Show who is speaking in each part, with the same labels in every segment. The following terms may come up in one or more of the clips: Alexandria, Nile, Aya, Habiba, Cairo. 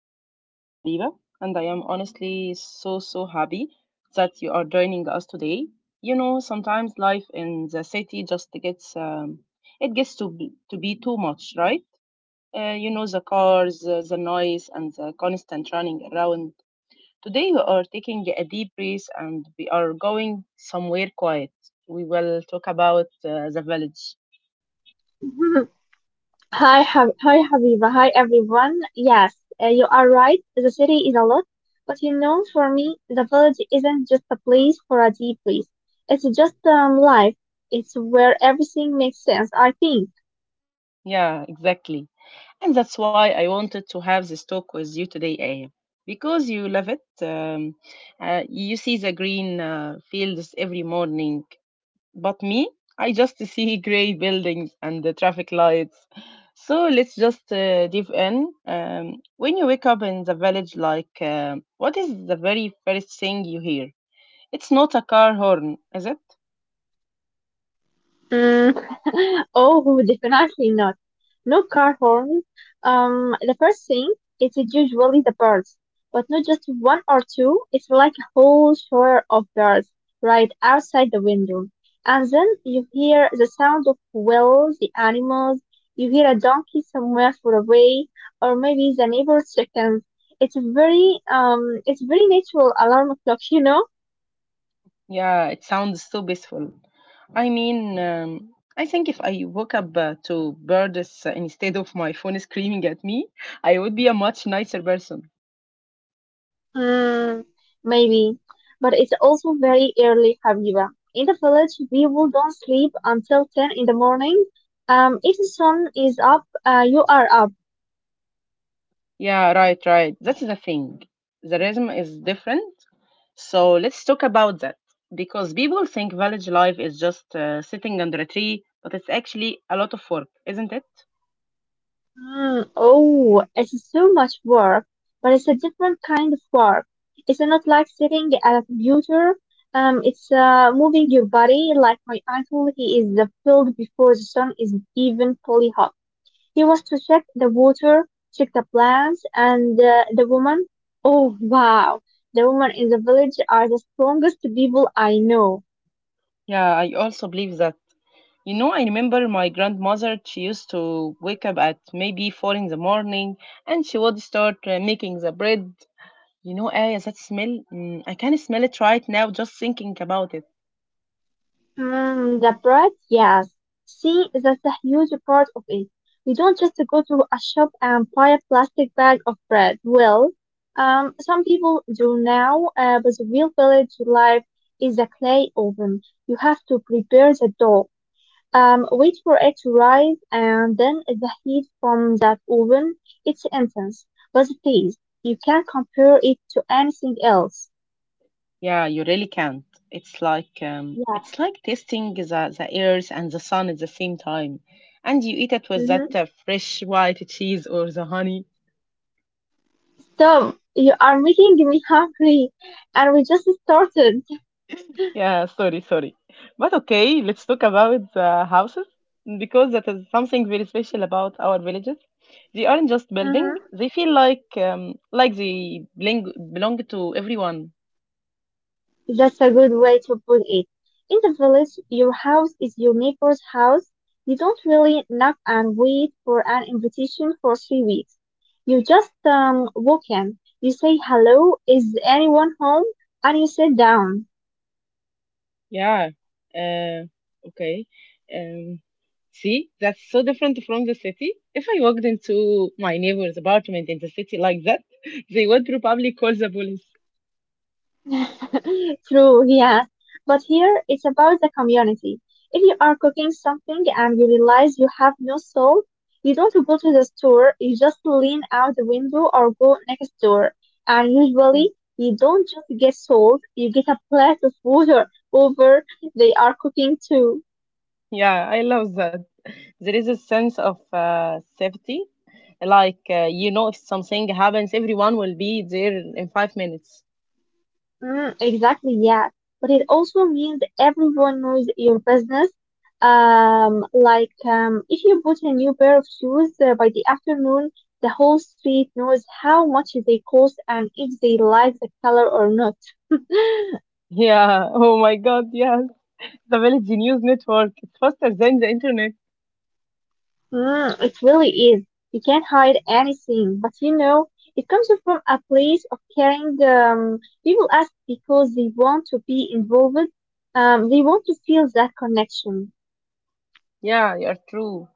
Speaker 1: I am your host Habiba, and I am honestly so happy that you are joining us today. Sometimes life in the city just gets it gets to be too much, right? The cars, the noise, and the constant running around. Today we are taking a deep breath and we are going somewhere quiet. We will talk about the village.
Speaker 2: Mhm. Hi, Hab hi, Habiba. Hi, everyone. Yes, you are right. The city is a lot, but you know, for me, the village isn't just a place for a deep place. It's just life. It's where everything makes sense, I think.
Speaker 1: Yeah, exactly. And that's why I wanted to have this talk with you today, Aya. Because you love it. You see the green fields every morning. But me, I just see grey buildings and the traffic lights. So let's just dive in. When you wake up in the village, like, what is the very first thing you hear? It's not a car horn, is it?
Speaker 2: Mm. Oh, definitely not. No car horn. The first thing is usually the birds, but not just one or two. It's like a whole shower of birds right outside the window. And then you hear the sound of wheels, the animals. You hear a donkey somewhere far away, or maybe the neighbor's chickens. It's very natural alarm clock, you know.
Speaker 1: Yeah, it sounds so peaceful. I mean, I think if I woke up to birds instead of my phone screaming at me, I would be a much nicer person.
Speaker 2: Hmm, maybe. But it's also very early, Habiba. In the village, people don't sleep until 10 in the morning. If the sun is up, you are up.
Speaker 1: Yeah, right. That's the thing. The rhythm is different. So let's talk about that because people think village life is just sitting under a tree, but it's actually a lot of work, isn't it?
Speaker 2: Hmm. Oh, it's so much work, but it's a different kind of work. It's not like sitting at a computer. It's Moving your body like my uncle. He is the field before the sun is even fully hot. He was to check the water, check the plants, and the woman. Oh wow, the women in the village are the strongest people I know.
Speaker 1: Yeah, I also believe that. You know, I remember my grandmother, she used to wake up at maybe four in the morning and she would start making the bread. You know, Aya, that smell, mm, I can smell it right now just thinking about it.
Speaker 2: Hmm, the bread, yes. See, that's a huge part of it. We don't just go to a shop and buy a plastic bag of bread. Well, some people do now, but the real village life is a clay oven. You have to prepare the dough. Wait for it to rise, and then the heat from that oven, it's intense. But the taste, you can't compare it to anything else.
Speaker 1: Yeah, you really can't.
Speaker 2: Yeah.
Speaker 1: It's like tasting the earth and the sun at the same time, and you eat it with
Speaker 2: Hmm.
Speaker 1: that fresh white cheese or the honey.
Speaker 2: So you are making me hungry, and we just started.
Speaker 1: Yeah, sorry, but okay. Let's talk about the houses because that is something very special about our villages. They aren't just building;
Speaker 2: Mhm.
Speaker 1: they feel like they belong to everyone.
Speaker 2: That's a good way to put it. In the village, your house is your neighbor's house. You don't really knock and wait for an invitation for 3 weeks. You just walk in. You say hello, is anyone home? And you sit down.
Speaker 1: Yeah. Uh, okay. Um, see, that's so different from the city. If I walked into my neighbor's apartment in the city like that, they would probably call the police.
Speaker 2: True, yeah. But here it's about the community. If you are cooking something and you realize you have no salt, you don't go to the store, you just lean out the window or go next door. And usually you don't just get salt, you get a plate of water over they are cooking too.
Speaker 1: Yeah, I love that. There is a sense of safety. Like, you know, if something happens, everyone will be there in 5 minutes.
Speaker 2: Mm, exactly, yeah. But it also means everyone knows your business. If you put a new pair of shoes by the afternoon, the whole street knows how much they cost and if they like the color or not.
Speaker 1: Yeah. Oh my God. Yes. The Village News Network. It's faster than the internet.
Speaker 2: Mm, it really is. You can't hide anything, but you know, it comes from a place of caring. People ask because they want to be involved. They want to feel that connection.
Speaker 1: Yeah, you're true.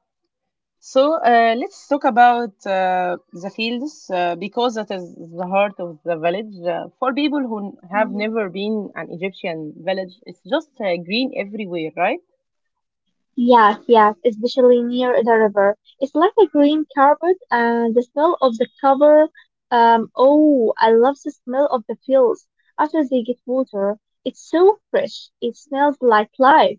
Speaker 1: So let's talk about the fields because that is the heart of the village. For people who have never been an Egyptian village, it's just green everywhere, right?
Speaker 2: Yes, yes, especially near the river. It's like a green carpet and the smell of the cover. Oh, I love the smell of the fields after they get water. It's so fresh. It smells like life.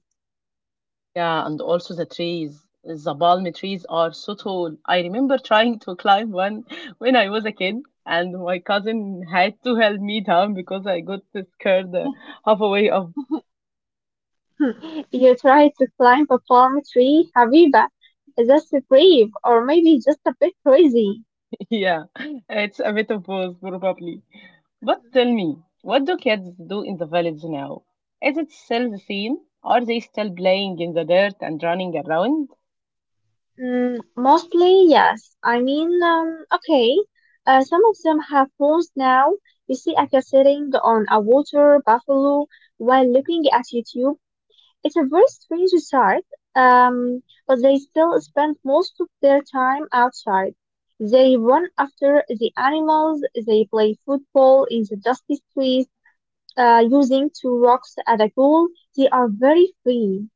Speaker 1: Yeah, and also the trees. The palm trees are so tall. I remember trying to climb one when I was a kid, and my cousin had to help me down because I got scared halfway up.
Speaker 2: You try to climb a palm tree, Habiba. That's brave, or maybe just a bit crazy.
Speaker 1: Yeah, it's a bit of both, probably. But tell me, what do kids do in the village now? Is it still the same? Are they still playing in the dirt and running around?
Speaker 2: Mm, mostly, yes. I mean, okay. Some of them have phones now. You see Aka sitting on a water buffalo while looking at YouTube. It's a very strange sight, but they still spend most of their time outside. They run after the animals. They play football in the dusty streets, using two rocks at a goal. They are very free.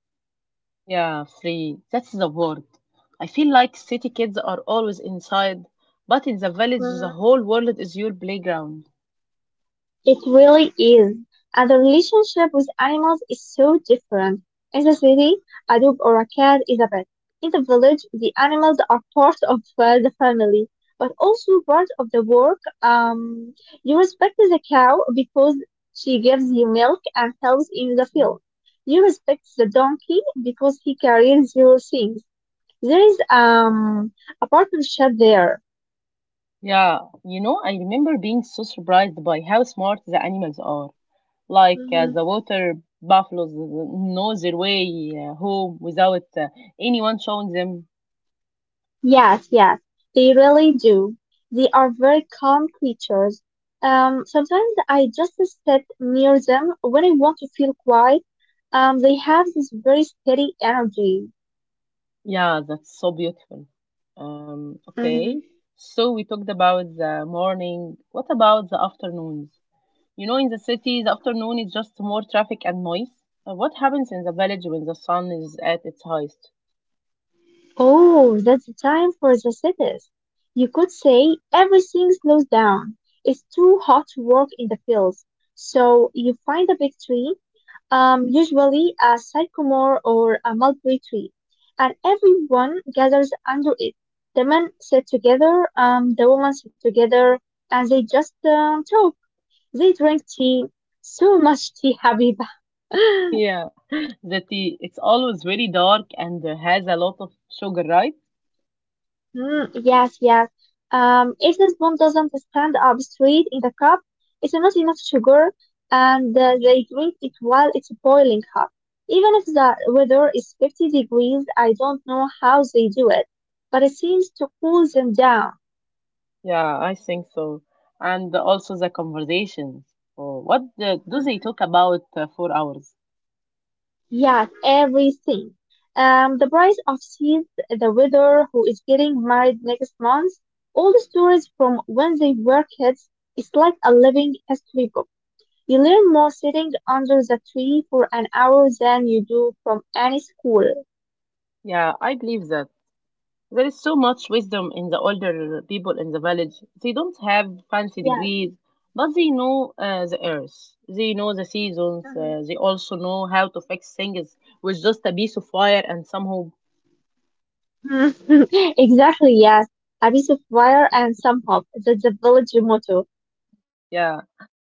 Speaker 1: Yeah, free. That's the word. I feel like city kids are always inside, but in the village, the
Speaker 2: Mm-hmm.
Speaker 1: whole world is your playground.
Speaker 2: It really is. And the relationship with animals is so different. In the city, a dog or a cat is a pet. In the village, the animals are part of the family, but also part of the work. You respect the cow because she gives you milk and helps in the
Speaker 1: Yeah.
Speaker 2: field. You respect the donkey because he carries your things. There is a partnership there.
Speaker 1: Yeah, you know, I remember being so surprised by how smart the animals are, like the water buffaloes know their way home without anyone showing them.
Speaker 2: Yes, yes, they really do. They are very calm creatures. Sometimes I just sit near them when I want to feel quiet. They have this very steady energy.
Speaker 1: Yeah, that's so beautiful. Um,
Speaker 2: Hmm.
Speaker 1: okay, so we talked about the morning. What about the afternoons? You know, in the city, the afternoon is just more traffic and noise. What happens in the village when the sun is at its highest?
Speaker 2: Oh, that's the time for the cities. You could say everything slows down. It's too hot to work in the fields. So you find a big tree, usually a sycamore or a mulberry tree, and everyone gathers under it. The men sit together, the women sit together, and they just talk. They drink tea, so much tea, Habiba.
Speaker 1: Yeah, it's always very dark and has a lot of sugar, right?
Speaker 2: Mm, yes, yes. If the spoon doesn't stand up straight in the cup, it's not enough sugar, and they drink it while it's boiling hot. Even if the weather is 50 degrees, I don't know how they do it, but it seems to cool them down.
Speaker 1: Yeah, I think so. And also the conversations. Oh, do they
Speaker 2: Mhm.
Speaker 1: talk about for hours?
Speaker 2: Yes, everything. The price of seeds, the weather, who is getting married next month, all the stories from when they were kids. It's like a living history book. You learn more sitting under the tree for an hour than you do from any school.
Speaker 1: Yeah, I believe that. There is so much wisdom in the older people in the village. They don't have fancy
Speaker 2: Yeah.
Speaker 1: degrees, but they know the earth. They know the seasons.
Speaker 2: Mhm.
Speaker 1: They also know how to fix things with just a piece of wire and some hope.
Speaker 2: Exactly, yes. A piece of wire and some hope. That's the village motto.
Speaker 1: Yeah,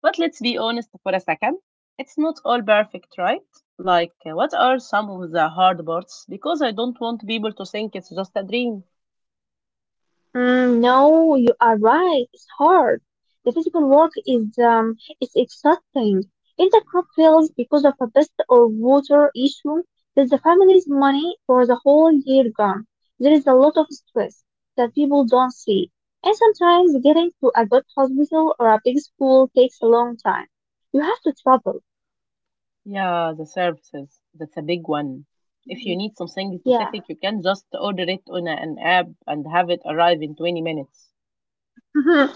Speaker 1: but let's be honest for a second. It's not all perfect, right? Like, what are some of the hard parts? Because I don't want people to think it's just a dream.
Speaker 2: Mm, no, you are right. It's hard. The physical work is exhausting. If the crop fails because of a pest or water issue, then the family's money for the whole year gone. There is a lot of stress that people don't see. And sometimes getting to a good hospital or a big school takes a long time. You have to travel.
Speaker 1: Yeah, the services. That's a big one. If you
Speaker 2: Mhm.
Speaker 1: need something
Speaker 2: Yeah.
Speaker 1: specific, you can just order it on an app and have it arrive in 20 minutes.
Speaker 2: An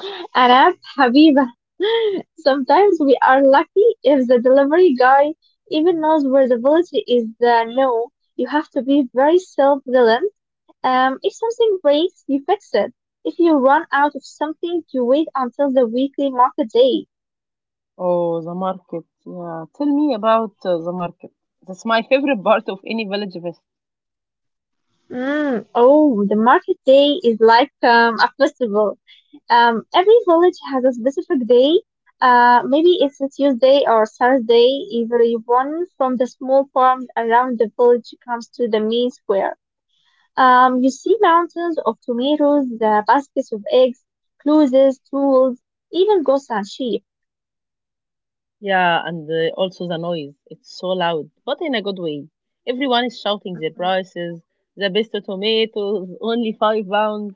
Speaker 2: app, Habiba. Sometimes we are lucky if the delivery guy even knows where the village is. No, you have to be very self-reliant. If something breaks, you fix it. If you run out of something, you wait until the weekly market day.
Speaker 1: Oh, the market. Yeah, tell me about the market. That's my favorite part of any village fest.
Speaker 2: Mm, oh, the market day is like a festival. Every village has a specific day. Maybe it's a Tuesday or Saturday. Everyone from the small farms around the village comes to the main square. You see mountains of tomatoes, the baskets of eggs, clothes, tools, even goats and sheep.
Speaker 1: Yeah, and also the noise. It's so loud, but in a good way. Everyone is shouting their prices. The best tomatoes, only 5 pounds.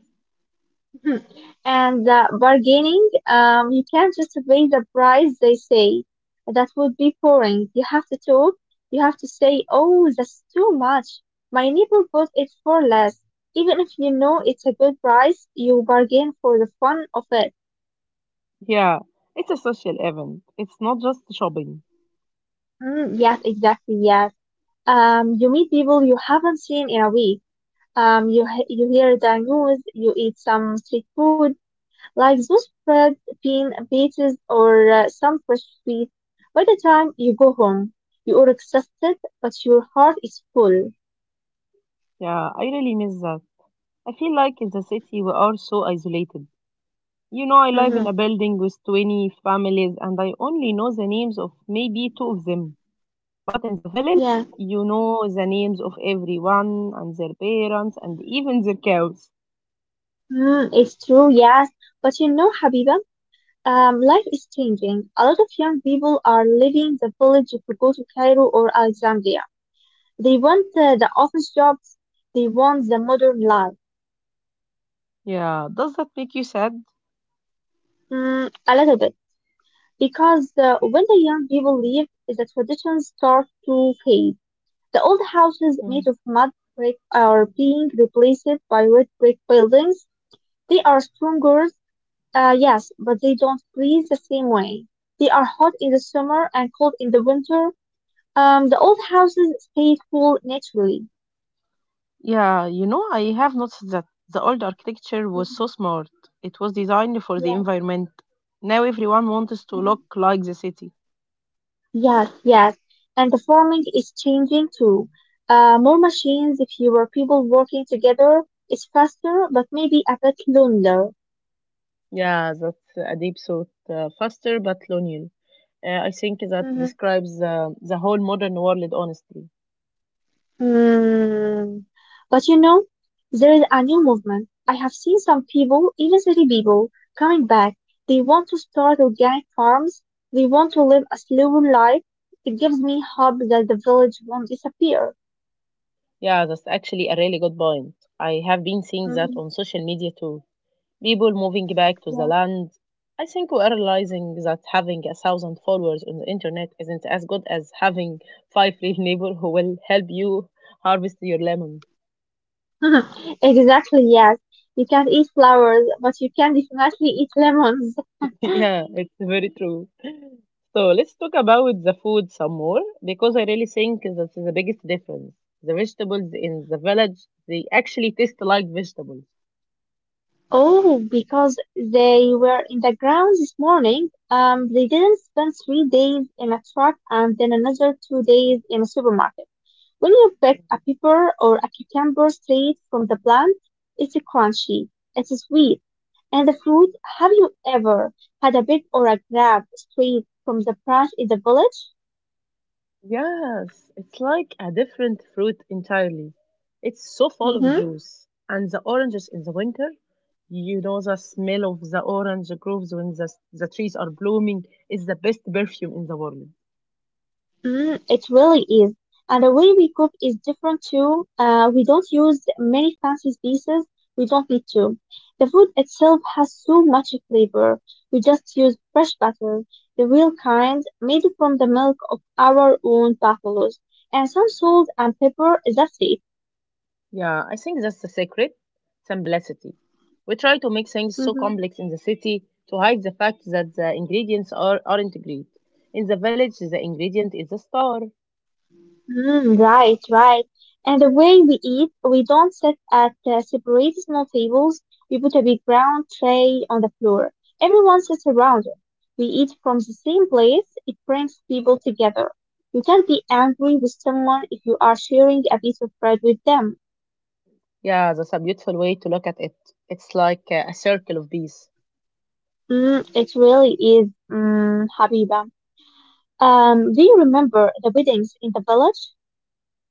Speaker 2: Hmm. And the bargaining, you can't just pay the price they say. That would be boring. You have to talk. You have to say, oh, that's too much. My neighbor bought it for less. Even if you know it's a good price, you bargain for the fun of it.
Speaker 1: Yeah, it's a social event. It's not just shopping.
Speaker 2: Mm, yes, exactly. Yes. You meet people you haven't seen in a week. You hear the news. You eat some street food like those bread, bean, beaches, or some fresh sweet. By the time you go home, you are exhausted, but your heart is full.
Speaker 1: Yeah, I really miss that. I feel like in the city we are so isolated. You know, I live in
Speaker 2: Hmm.
Speaker 1: a building with 20 families and I only know the names of maybe two of them. But in the village,
Speaker 2: Yeah,
Speaker 1: you know the names of everyone and their parents and even their cows.
Speaker 2: mm, it's true, yes. But you know, Habiba, life is changing. A lot of young people are leaving the village to go to Cairo or Alexandria. They want the office jobs, they want the modern life.
Speaker 1: Yeah, does that make you sad?
Speaker 2: Mm, a little bit. Because when the young people leave, the traditions start to fade. The old houses
Speaker 1: Yeah.
Speaker 2: made of mud brick are being replaced by red brick buildings. They are stronger, yes, but they don't breathe the same way. They are hot in the summer and cold in the winter. The old houses stay cool naturally.
Speaker 1: Yeah, you know, I have noticed that the old architecture was so
Speaker 2: Mhm.
Speaker 1: smart. It was designed for the
Speaker 2: Yes.
Speaker 1: environment. Now everyone wants to look like the city.
Speaker 2: Yes, yes. And the farming is changing too. More machines, fewer people working together. It's faster, but maybe a bit lonelier.
Speaker 1: Yeah, that's a deep thought. Faster but linear. I think that describes the whole modern world, honestly.
Speaker 2: Hmm. But you know, there is a new movement. I have seen some people, even city people, coming back. They want to start organic farms. They want to live a slower life. It gives me hope that the village won't disappear.
Speaker 1: Yeah, that's actually a really good point. I have been seeing that
Speaker 2: Mhm,
Speaker 1: on social media too, people moving back to the
Speaker 2: yeah.
Speaker 1: land. I think we're realizing that having a thousand followers on the internet isn't as good as having five real neighbors who will help you harvest your lemon.
Speaker 2: Exactly, yes. You can't eat flowers, but you can definitely eat lemons.
Speaker 1: Yeah, it's very true. So let's talk about the food some more because I really think that's the biggest difference. The vegetables in the village, they actually taste like vegetables.
Speaker 2: Oh, because they were in the ground this morning. They didn't spend 3 days in a truck and then another 2 days in a supermarket. When you pick a pepper or a cucumber straight from the plant, it's crunchy, it's sweet. And the fruit, have you ever had a big or a grab straight from the branch in the village?
Speaker 1: Yes, it's like a different fruit entirely. It's so full of juice. And the oranges in the winter, you know, the smell of the orange groves when the trees are blooming is the best perfume in the world.
Speaker 2: Mm, it really is. And the way we cook is different too. We don't use many fancy pieces. We don't need to. The food itself has so much flavor. We just use fresh butter, the real kind, made from the milk of our own buffaloes, and some salt and pepper. That's it.
Speaker 1: Yeah, I think that's the secret, simplicity. We try to make things so
Speaker 2: Mhm.
Speaker 1: complex in the city to hide the fact that the aren't great. In the village, the ingredient is a star.
Speaker 2: Mm, right, right. And the way we eat, we don't sit at separate small tables. We put a big round tray on the floor. Everyone sits around it. We eat from the same place. It brings people together. You can't be angry with someone if you are sharing a piece of bread with them.
Speaker 1: Yeah, that's a beautiful way to look at it. It's like a circle of peace.
Speaker 2: Mm, it really is, mm, Habiba. Do you remember the weddings in the village?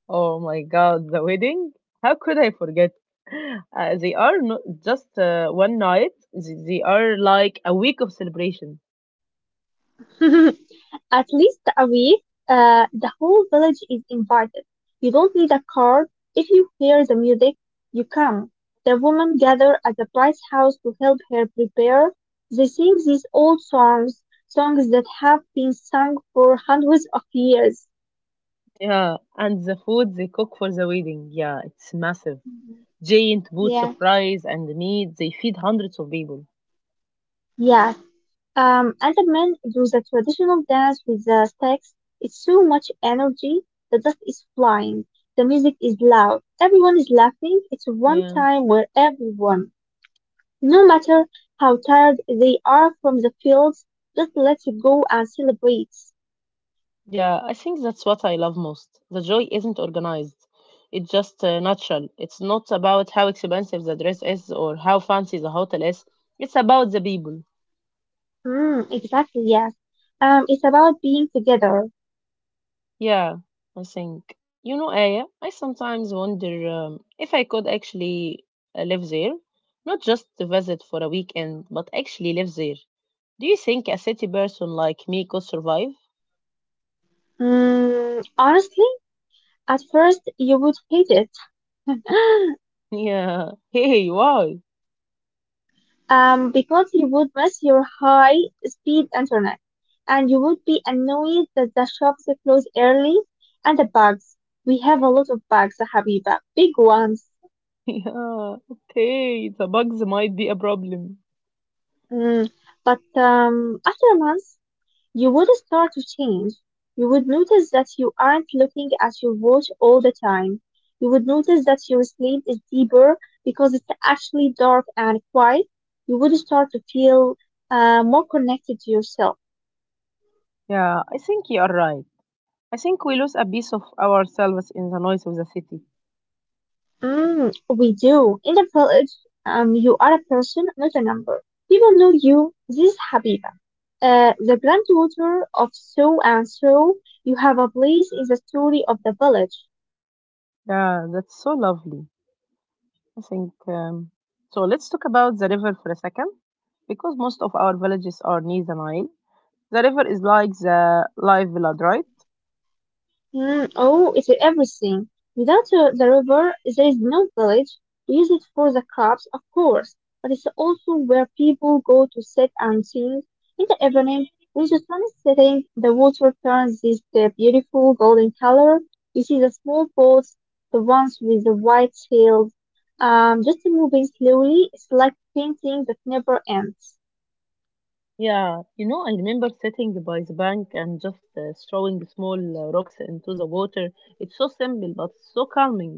Speaker 1: Oh my God, the wedding? How could I forget? They are not just one night, they are like a week of celebration.
Speaker 2: At least a week, the whole village is invited. You don't need a card. If you hear the music, you come. The women gather at the Price House to help her prepare. They sing these old songs, songs that have been sung for hundreds of years.
Speaker 1: Yeah, and the food they cook for the wedding, yeah, it's massive.
Speaker 2: Mhm.
Speaker 1: Giant boots
Speaker 2: Yeah.
Speaker 1: of rice and meat, they feed hundreds of people.
Speaker 2: Yeah. Other men do the traditional dance with the sticks. It's so much energy. The dust is flying. The music is loud. Everyone is laughing. It's one
Speaker 1: Yeah,
Speaker 2: time where everyone, no matter how tired they are from the fields, just lets it go and celebrates.
Speaker 1: yeah, I think that's what I love most. The joy isn't organized, it's just natural. It's not about how expensive the dress is or how fancy the hotel is, it's about the people.
Speaker 2: Mm, exactly, yes. It's about being together.
Speaker 1: Yeah, I think. You know, Aya, I sometimes wonder if I could actually live there, not just to visit for a weekend, but actually live there. Do you think a city person like me could survive?
Speaker 2: Mm, honestly, at first you would hate it.
Speaker 1: Yeah. Hey, why?
Speaker 2: Because you would miss your high speed internet and you would be annoyed that the shops close early and the bugs. We have a lot of bugs, Habiba, big ones.
Speaker 1: Yeah. Okay, the bugs might be a problem.
Speaker 2: Mm, But after a month, you would start to change. You would notice that you aren't looking at your watch all the time. You would notice that your sleep is deeper because it's actually dark and quiet. You would start to feel more connected to yourself.
Speaker 1: Yeah, I think you are right. I think we lose a piece of ourselves in the noise of the city.
Speaker 2: Mm, we do. In the village, you are a person, not a number. People know you. This is Habiba, the granddaughter of so and so. You have a place in the story of the village.
Speaker 1: Yeah, that's so lovely. I think so. Let's talk about the river for a second, because most of our villages are near the Nile. The river is like the live blood, right?
Speaker 2: Mm, oh, it's everything. Without the river, there is no village. We use it for the crops, of course, but it's also where people go to sit and sing. In the evening, when the sun is setting, the water turns this beautiful golden color. You see the small boats, the ones with the white sails, just moving slowly. It's like painting that never ends.
Speaker 1: Yeah, you know, I remember sitting by the bank and just throwing small rocks into the water. It's so simple, but so calming.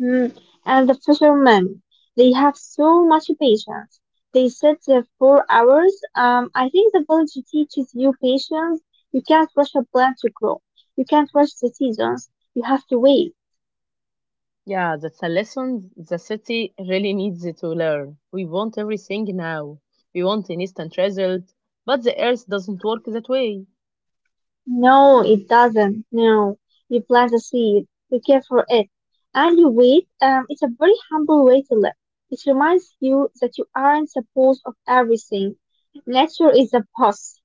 Speaker 2: Mm, and the fishermen, they have so much patience. They sit there for hours. I think the village teaches you patience. You can't rush a plant to grow. You can't rush the seasons. You have to wait.
Speaker 1: Yeah, that's a lesson the city really needs to learn. We want everything now. We want an instant result, but the earth doesn't work that way.
Speaker 2: No, it doesn't. No. You plant a seed. You care for it. And you wait. It's a very humble way to live. It reminds you that you aren't the boss of everything. Nature is the boss.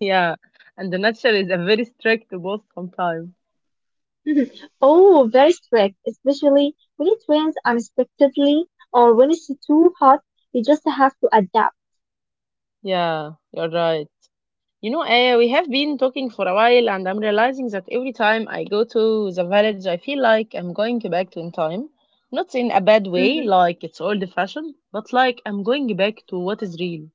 Speaker 1: Yeah, and the nature is a very strict boss sometimes.
Speaker 2: Mhm. Oh, very strict, especially when it rains unexpectedly or when it's too hot, you just have to adapt.
Speaker 1: Yeah, you're right. You know, we have been talking for a while, and I'm realizing that every time I go to the village, I feel like I'm going back to in time. Not in a bad way,
Speaker 2: Mhm.
Speaker 1: like it's old fashioned, but like I'm going back to what is real.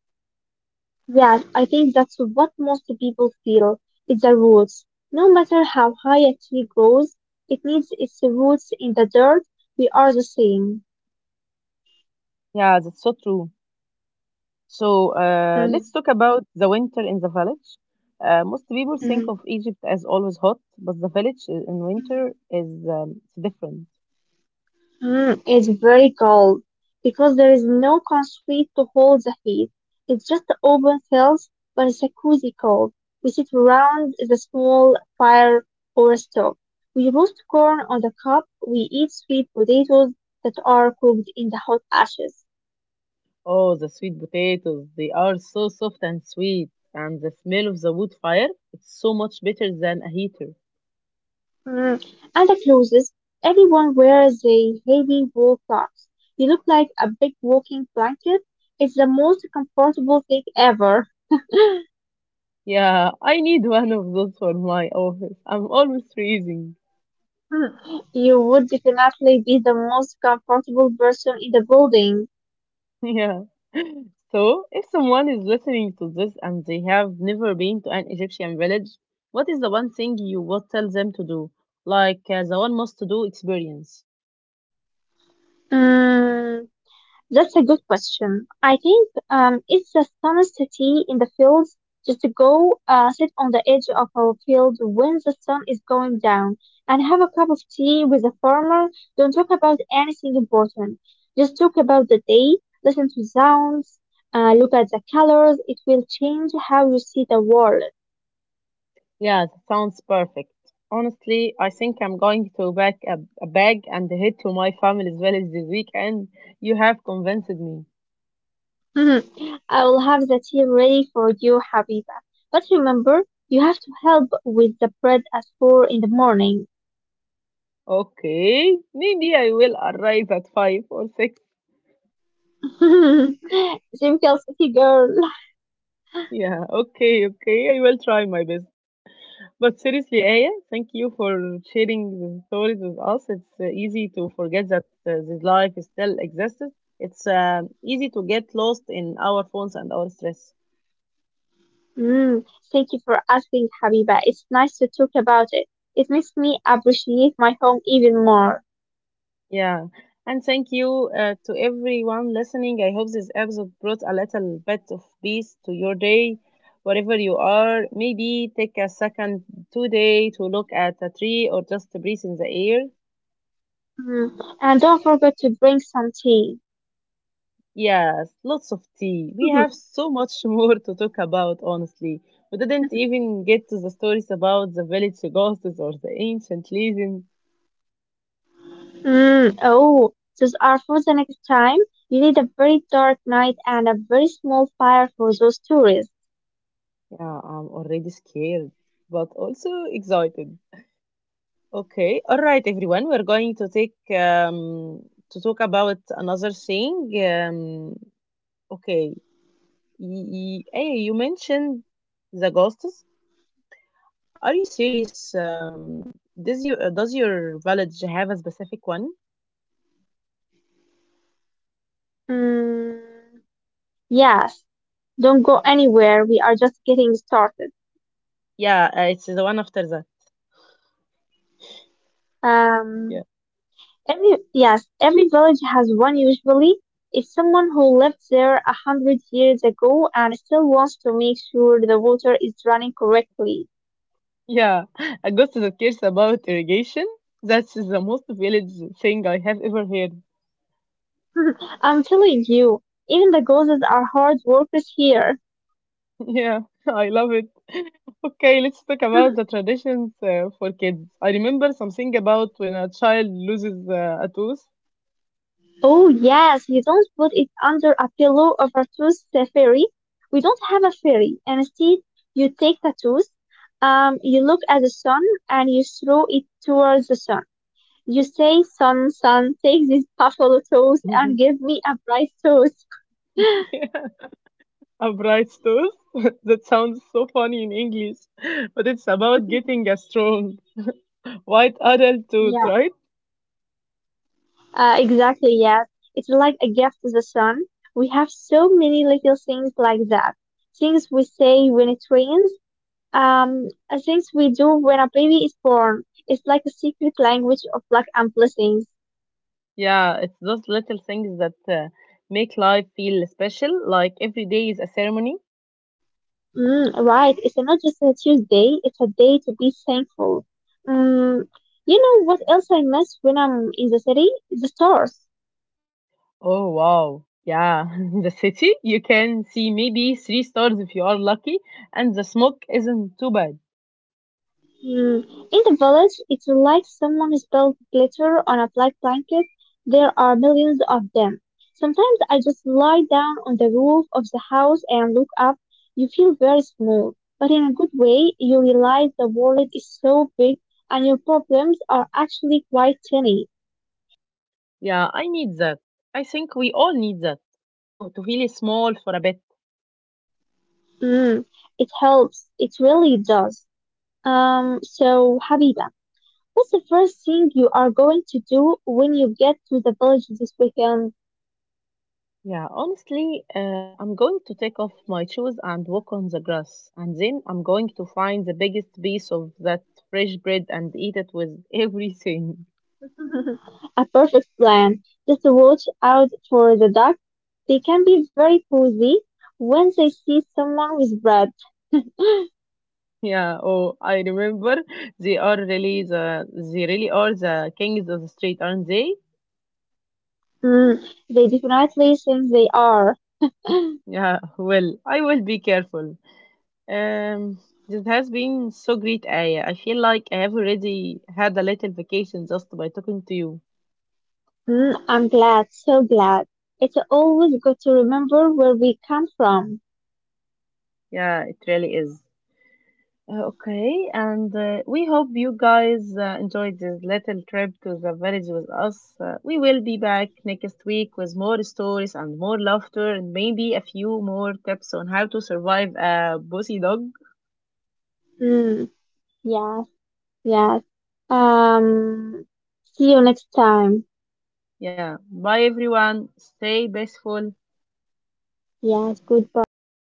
Speaker 2: Yes, I think that's what most people feel. It's the roots. No matter how high a tree grows, it needs its roots in the dirt. We are the same.
Speaker 1: Yeah, that's so true. So let's talk about the winter in the village. Most people think
Speaker 2: Mhm.
Speaker 1: of Egypt as always hot, but the village in winter is it's different.
Speaker 2: Mm, it's very cold because there is no concrete to hold the heat. It's just open fields, but it's a cozy cold. We sit around the small fire or stove. We roast corn on the cob. We eat sweet potatoes that are cooked in the hot ashes.
Speaker 1: Oh, the sweet potatoes, they are so soft and sweet, and the smell of the wood fire, it's so much better than a heater.
Speaker 2: Mm. And the clothes, everyone wears a heavy wool cloths. You look like a big walking blanket. It's the most comfortable thing ever.
Speaker 1: Yeah, I need one of those for my office. I'm always freezing.
Speaker 2: Hmm, you would definitely be the most comfortable person in the building.
Speaker 1: Yeah. So, if someone is listening to this and they have never been to an Egyptian village, what is the one thing you would tell them to do? Like the one must do experience.
Speaker 2: Mm, that's a good question. I think it's the sunniest city in the fields. Just to go sit on the edge of our field when the sun is going down and have a cup of tea with a farmer. Don't talk about anything important. Just talk about the day, listen to sounds, look at the colors. It will change how you see the world.
Speaker 1: Yeah, that sounds perfect. Honestly, I think I'm going to a bag and head to my family's village this weekend. You have convinced me.
Speaker 2: Mhm. I will have the tea ready for you, Habiba. But remember, you have to help with the bread at 4 in the morning.
Speaker 1: Okay, maybe I will arrive at five or six.
Speaker 2: Simple city girl.
Speaker 1: Yeah, okay, I will try my best. But seriously, Aya, thank you for sharing the stories with us. It's easy to forget that this life still exists. It's easy to get lost in our phones and our stress.
Speaker 2: Mm, thank you for asking, Habiba. It's nice to talk about it. It makes me appreciate my home even more.
Speaker 1: Yeah. And thank you to everyone listening. I hope this episode brought a little bit of peace to your day, wherever you are. Maybe take a second today to look at a tree or just to breathe in the air.
Speaker 2: Mm, and don't forget to drink some tea.
Speaker 1: Yes, lots of tea. We have so much more to talk about, honestly. We didn't even get to the stories about the village ghosts or the ancient legends.
Speaker 2: Mm, oh, those are for the next time. You need a very dark night and a very small fire for those tourists.
Speaker 1: Yeah, I'm already scared, but also excited. Okay. All right, everyone. We're going to take to talk about another thing. Okay. Y- y- Hey, you mentioned the ghosts. Are you serious? Does you does your village have a specific one?
Speaker 2: Mm. Yes, don't go anywhere. We are just getting started.
Speaker 1: Yeah, it's the one after that. Yeah,
Speaker 2: Um, every village has one usually. It's someone who lived there 100 years ago and still wants to make sure the water is running correctly.
Speaker 1: yeah. A ghost that cares about irrigation. That's the most village thing I have ever heard.
Speaker 2: I'm telling you, even the ghosts are hard workers here.
Speaker 1: Yeah, I love it. Okay, let's talk about the traditions for kids. I remember something about when a child loses a tooth.
Speaker 2: Oh yes, you don't put it under a pillow of a tooth fairy. We don't have a fairy. And instead, you take the tooth, you look at the sun, and you throw it towards the sun. You say, "Sun, sun, take this buffalo tooth and give me a bright tooth."
Speaker 1: Yeah, a bright tooth. That sounds so funny in English, but it's about getting a strong white adult tooth,
Speaker 2: Yeah,
Speaker 1: right?
Speaker 2: exactly. Yes, it's like a gift to the sun. We have so many little things like that. Things we say when it rains, things we do when a baby is born. It's like a secret language of luck and blessings.
Speaker 1: Yeah, it's those little things that make life feel special, like every day is a ceremony.
Speaker 2: Mm, right. It's not just a Tuesday. It's a day to be thankful. Mm, you know what else I miss when I'm in the city? The stars.
Speaker 1: Oh wow. Yeah, the city, you can see maybe three stars if you are lucky, and the smoke isn't too bad.
Speaker 2: Hmm. In the village, it's like someone spilled glitter on a black blanket. There are millions of them. Sometimes I just lie down on the roof of the house and look up. You feel very small, but in a good way, you realize the world is so big and your problems are actually quite tiny.
Speaker 1: Yeah, I need that. I think we all need that to feel small for a bit.
Speaker 2: Hmm. It helps. It really does. So, Habiba, what's the first thing you are going to do when you get to the village this weekend?
Speaker 1: Yeah, honestly, I'm going to take off my shoes and walk on the grass, and then I'm going to find the biggest piece of that fresh bread and eat it with everything.
Speaker 2: A perfect plan. Just watch out for the ducks. They can be very cozy when they see someone with bread.
Speaker 1: Yeah, oh, I remember they are really the they really are the kings of the street, aren't they?
Speaker 2: Mm, they definitely think they are.
Speaker 1: Yeah, well, I will be careful. Um, this has been so great, Aya. I feel like I have already had a little vacation just by talking to you.
Speaker 2: Mm, I'm glad, so glad. It's always good to remember where we come from.
Speaker 1: Yeah, it really is. Okay, and we hope you guys enjoyed this little trip to the village with us. We will be back next week with more stories and more laughter and maybe a few more tips on how to survive a bossy dog.
Speaker 2: Mm, yes, yes. Um, See you next time.
Speaker 1: Yeah, bye everyone. Stay blissful.
Speaker 2: Yes, goodbye.